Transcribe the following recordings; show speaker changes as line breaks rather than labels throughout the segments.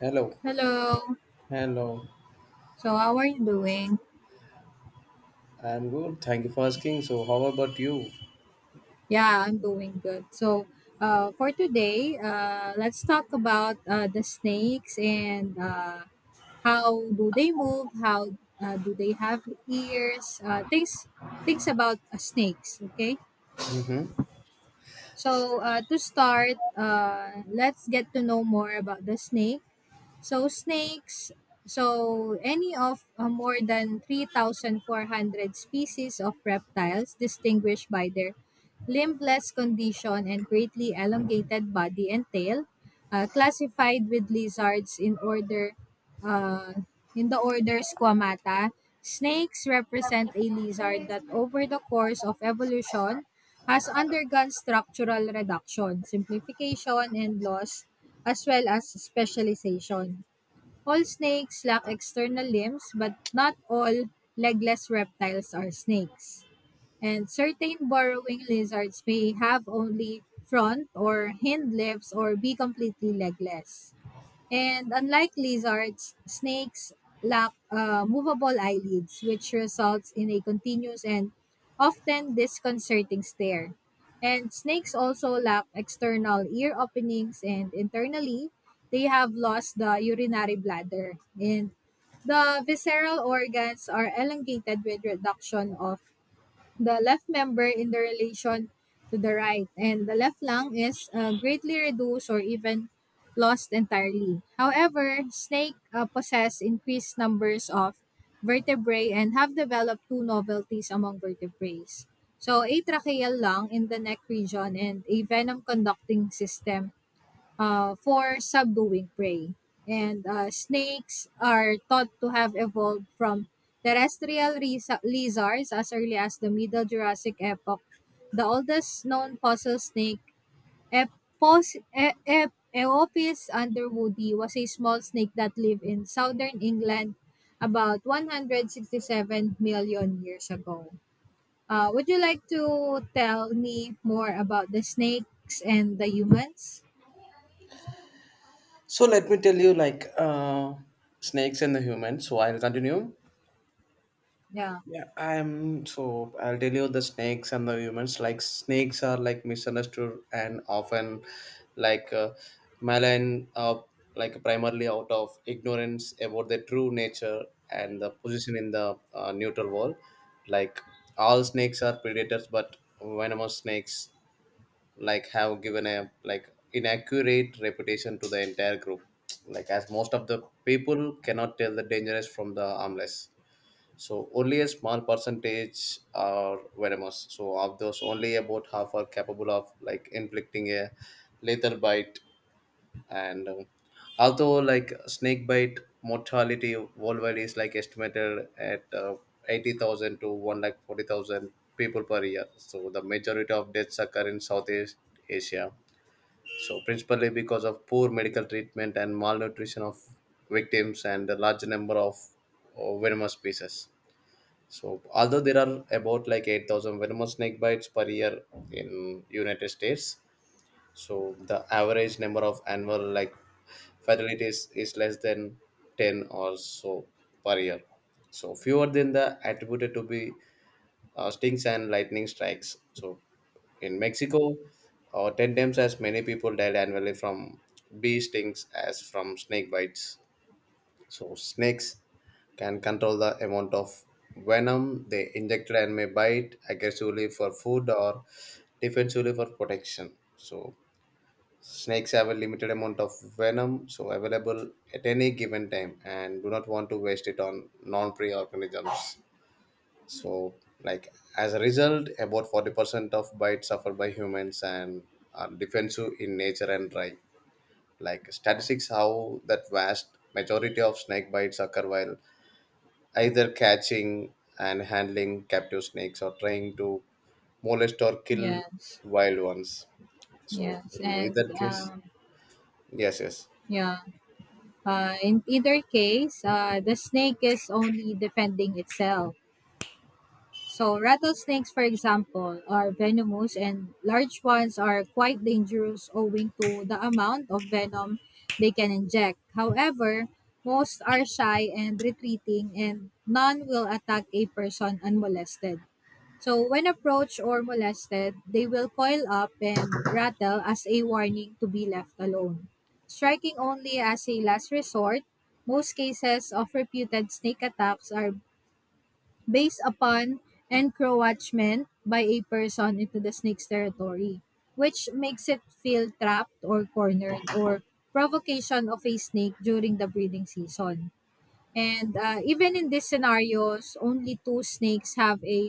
Hello.
Hello.
Hello.
So how are you doing?
I'm good. Thank you for asking. So, how about you?
Yeah, I'm doing good. For today, let's talk about the snakes and how do they move? How do they have ears? Things about snakes. Okay.
Hmm.
So to start, let's get to know more about the snake. So snakes, so any of more than 3,400 species of reptiles distinguished by their limbless condition and greatly elongated body and tail, classified with lizards in order uh, in the order Squamata. Snakes represent a lizard that over the course of evolution has undergone structural reduction, simplification, and loss, as well as specialization. All snakes lack external limbs, but not all legless reptiles are snakes. And certain burrowing lizards may have only front or hind limbs or be completely legless. And unlike lizards, snakes lack movable eyelids, which results in a continuous and often disconcerting stare. And snakes also lack external ear openings, and internally, they have lost the urinary bladder. And the visceral organs are elongated with reduction of the left member in the relation to the right, and the left lung is greatly reduced or even lost entirely. However, snake possess increased numbers of vertebrae and have developed two novelties among vertebrates. So, a tracheal lung in the neck region and a venom conducting system for subduing prey. And snakes are thought to have evolved from terrestrial lizards as early as the Middle Jurassic epoch. The oldest known fossil snake, Eopis underwoodi, was a small snake that lived in southern England about 167 million years ago. Would you like to tell me more about the snakes and the humans?
So, let me tell you snakes and the humans. So, I'll continue.
Yeah.
Yeah, I'm so I'll tell you the snakes and the humans. Like, snakes are like misunderstood and often like uh, malign, like primarily out of ignorance about their true nature and the position in the neutral world. Like, all snakes are predators, but venomous snakes like have given a like inaccurate reputation to the entire group, like as most of the people cannot tell the dangerous from the harmless, so only a small percentage are venomous, so of those only about half are capable of like inflicting a lethal bite. And although like snake bite mortality worldwide is like estimated at 80,000 to 1 like 40,000 people per year, so the majority of deaths occur in southeast asia, so principally because of poor medical treatment and malnutrition of victims and the large number of venomous species. So, although there are about like 8,000 venomous snake bites per year in United States, so the average number of annual like fatalities is less than 10 or so per year. So, fewer than the attributed to be stings and lightning strikes. So in Mexico, 10 times as many people died annually from bee stings as from snake bites. So snakes can control the amount of venom they inject and may bite aggressively for food or defensively for protection. So snakes have a limited amount of venom so available at any given time and do not want to waste it on non-prey organisms, so like as a result, about 40% of bites suffered by humans and are defensive in nature and dry. Like statistics, how that vast majority of snake bites occur while either catching and handling captive snakes or trying to molest or kill
Yes,
wild ones. So,
yes,
in
and
either case, yes, yes.
yeah. In either case, the snake is only defending itself. So rattlesnakes, for example, are venomous, and large ones are quite dangerous owing to the amount of venom they can inject. However, most are shy and retreating, and none will attack a person unmolested. So, when approached or molested, they will coil up and rattle as a warning to be left alone. Striking only as a last resort, most cases of reputed snake attacks are based upon encroachment by a person into the snake's territory, which makes it feel trapped or cornered or provocation of a snake during the breeding season. And even in these scenarios, only two snakes have a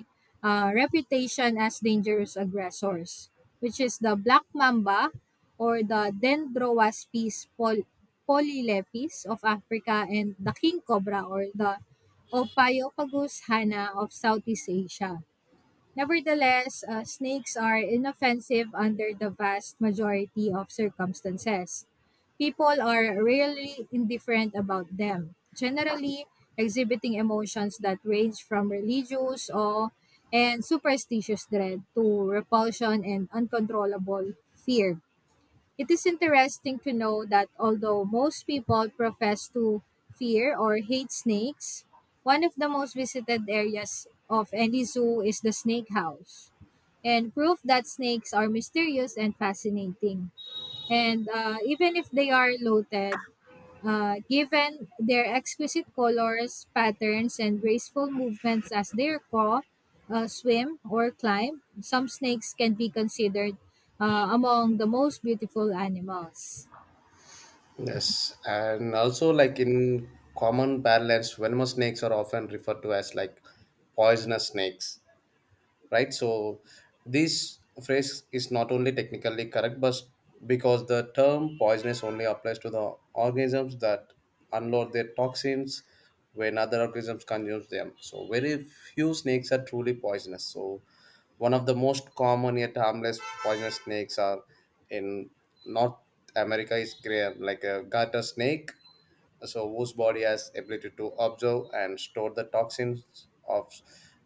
reputation as dangerous aggressors, which is the black mamba or the polylepis of Africa and the king cobra or the Ophiophagus hana of Southeast Asia. Nevertheless, snakes are inoffensive under the vast majority of circumstances. People are rarely indifferent about them, generally exhibiting emotions that range from religious awe and superstitious dread to repulsion and uncontrollable fear. It is interesting to know that although most people profess to fear or hate snakes, one of the most visited areas of any zoo is the snake house, and proof that snakes are mysterious and fascinating. And even if they are loaded, given their exquisite colors, patterns, and graceful movements as they crawl, swim, or climb, some snakes can be considered among the most beautiful animals.
Yes, and also like in common parlance, venomous snakes are often referred to as like poisonous snakes. Right. So this phrase is not only technically correct, but because the term poisonous only applies to the organisms that unload their toxins when other organisms consume them, so very few snakes are truly poisonous. So one of the most common yet harmless poisonous snakes are in north america is gray like a garter snake, so whose body has ability to absorb and store the toxins of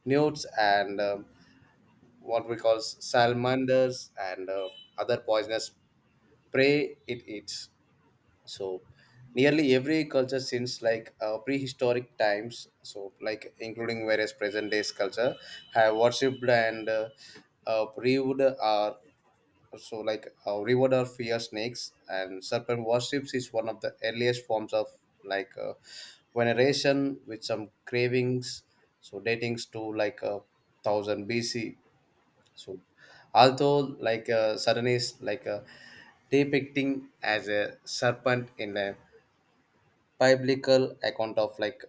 newts, and what we call salamanders, and other poisonous prey it eats. So nearly every culture since prehistoric times, so like including various present days culture have worshipped and uh, revered our revered our fear snakes, and serpent worships is one of the earliest forms of like uh, veneration, with some cravings so datings to like 1000 BC. So, although Saturn is depicting as a serpent in a biblical account of like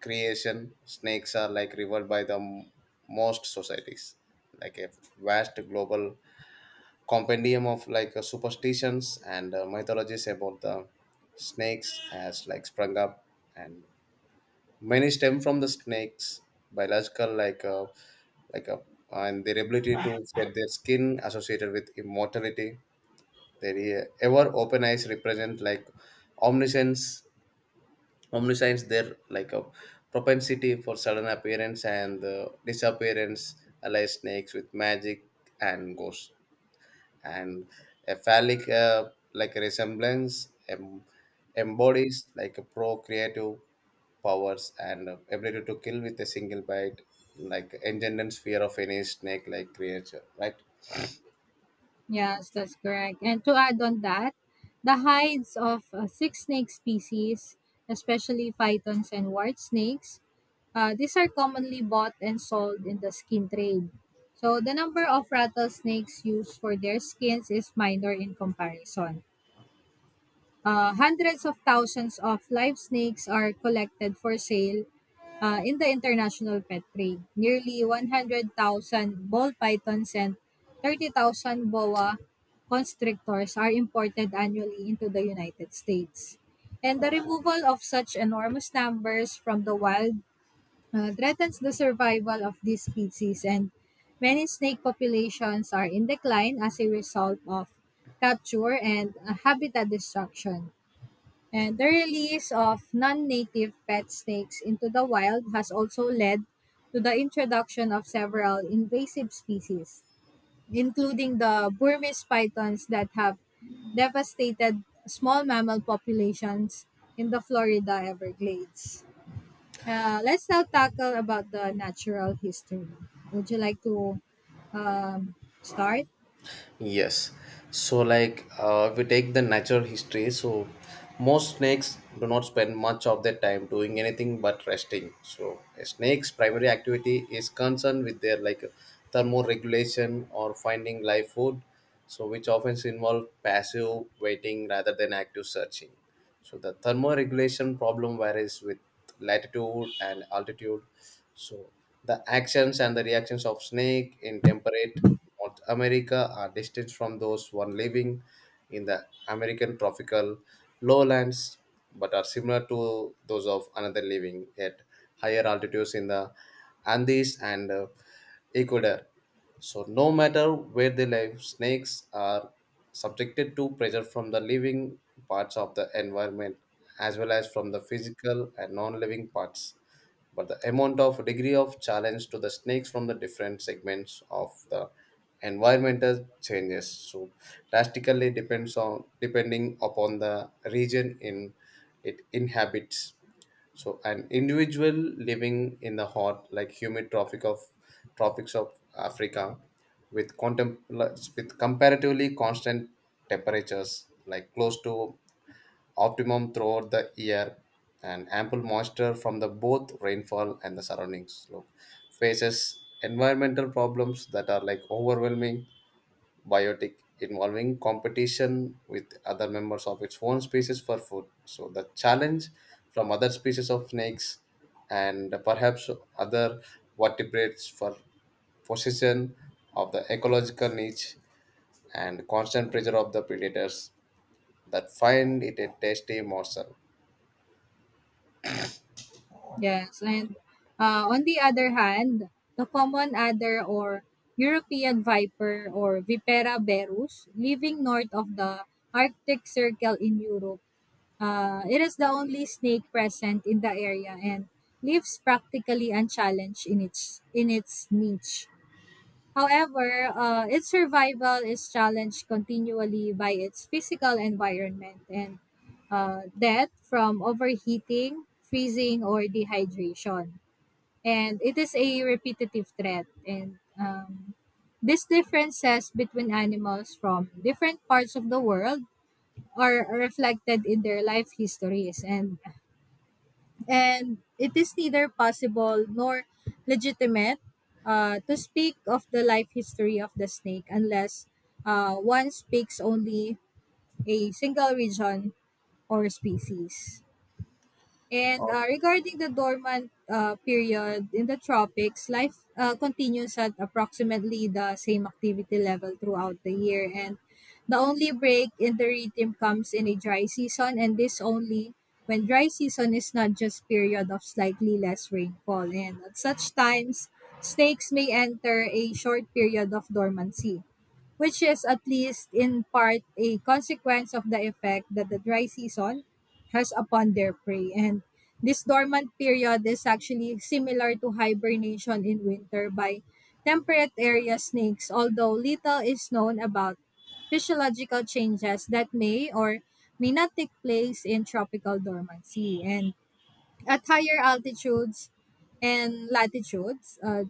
creation, snakes are like revered by the most societies. Like a vast global compendium of superstitions and mythologies about the snakes has like sprung up. And many stem from the snakes, biological like a, and their ability to shed their skin associated with immortality. Their ever open eyes represent like omniscience, omniscience. Their like a propensity for sudden appearance and disappearance, allies snakes with magic and ghosts, and a phallic like resemblance embodies like a pro powers and ability to kill with a single bite, like engenders fear of any snake like creature, right?
Yes, that's correct. And to add on that, the hides of six snake species, especially pythons and white snakes, these are commonly bought and sold in the skin trade. So the number of rattlesnakes used for their skins is minor in comparison. Hundreds of thousands of live snakes are collected for sale in the international pet trade. Nearly 100,000 ball pythons and 30,000 boa constrictors are imported annually into the United States. And the removal of such enormous numbers from the wild threatens the survival of these species, and many snake populations are in decline as a result of capture and habitat destruction. And the release of non native pet snakes into the wild has also led to the introduction of several invasive species, including the Burmese pythons that have devastated small mammal populations in the Florida Everglades. Let's now tackle about the natural history. Would you like to um, start?
Yes. So, like, if we take the natural history, so most snakes do not spend much of their time doing anything but resting. So, a snake's primary activity is concerned with their like thermoregulation or finding live food, so which often involve passive waiting rather than active searching. So, the thermoregulation problem varies with latitude and altitude. So, the actions and the reactions of snake in temperate North America are distinct from those one living in the American tropical lowlands, but are similar to those of another living at higher altitudes in the Andes and Ecuador. So, no matter where they live, snakes are subjected to pressure from the living parts of the environment as well as from the physical and non living parts, but the amount of degree of challenge to the snakes from the different segments of the environmental changes so drastically depends on depending upon the region in it inhabits. So an individual living in the hot like humid tropics of africa with comparatively constant temperatures like close to optimum throughout the year, and ample moisture from the both rainfall and the surrounding slope, faces environmental problems that are like overwhelming biotic, involving competition with other members of its own species for food, so the challenge from other species of snakes and perhaps other vertebrates for possession of the ecological niche, and constant pressure of the predators that find it a tasty morsel.
Yes, and on the other hand, the common adder or European viper or Vipera berus living north of the Arctic Circle in Europe. It is the only snake present in the area and lives practically unchallenged in its niche. However, its survival is challenged continually by its physical environment and death from overheating, freezing, or dehydration. And it is a repetitive threat. And these differences between animals from different parts of the world are reflected in their life histories. And it is neither possible nor legitimate to speak of the life history of the snake unless one speaks only a single region or species. And
Okay.
regarding the dormant period in the tropics, life continues at approximately the same activity level throughout the year. And the only break in the rhythm comes in a dry season, and this only when dry season is not just period of slightly less rainfall. And at such times, snakes may enter a short period of dormancy which is at least in part a consequence of the effect that the dry season has upon their prey. And this dormant period is actually similar to hibernation in winter by temperate area snakes, although little is known about physiological changes that may or may not take place in tropical dormancy. And at higher altitudes and latitudes,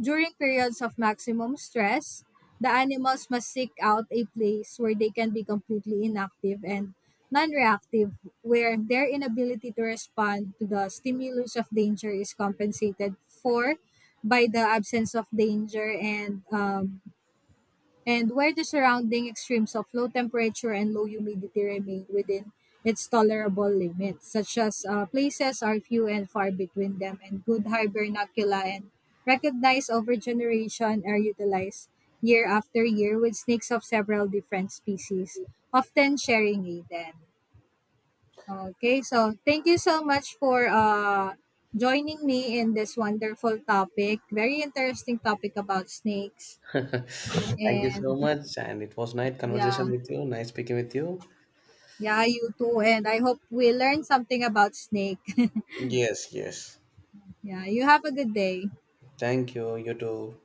during periods of maximum stress, the animals must seek out a place where they can be completely inactive and non reactive, where their inability to respond to the stimulus of danger is compensated for by the absence of danger and where the surrounding extremes of low temperature and low humidity remain within its tolerable limits, such as places are few and far between them, and good hibernacula and recognized over generation are utilized year after year with snakes of several different species, often sharing a den. Okay, so thank you so much for joining me in this wonderful topic. Very interesting topic about snakes.
Thank you
And
so much. And it was nice
yeah,
conversation with you. Nice speaking with you.
yeah, you too. And I hope we learned something about snake.
Yes, yes.
Yeah, you have a good day.
Thank you. You too.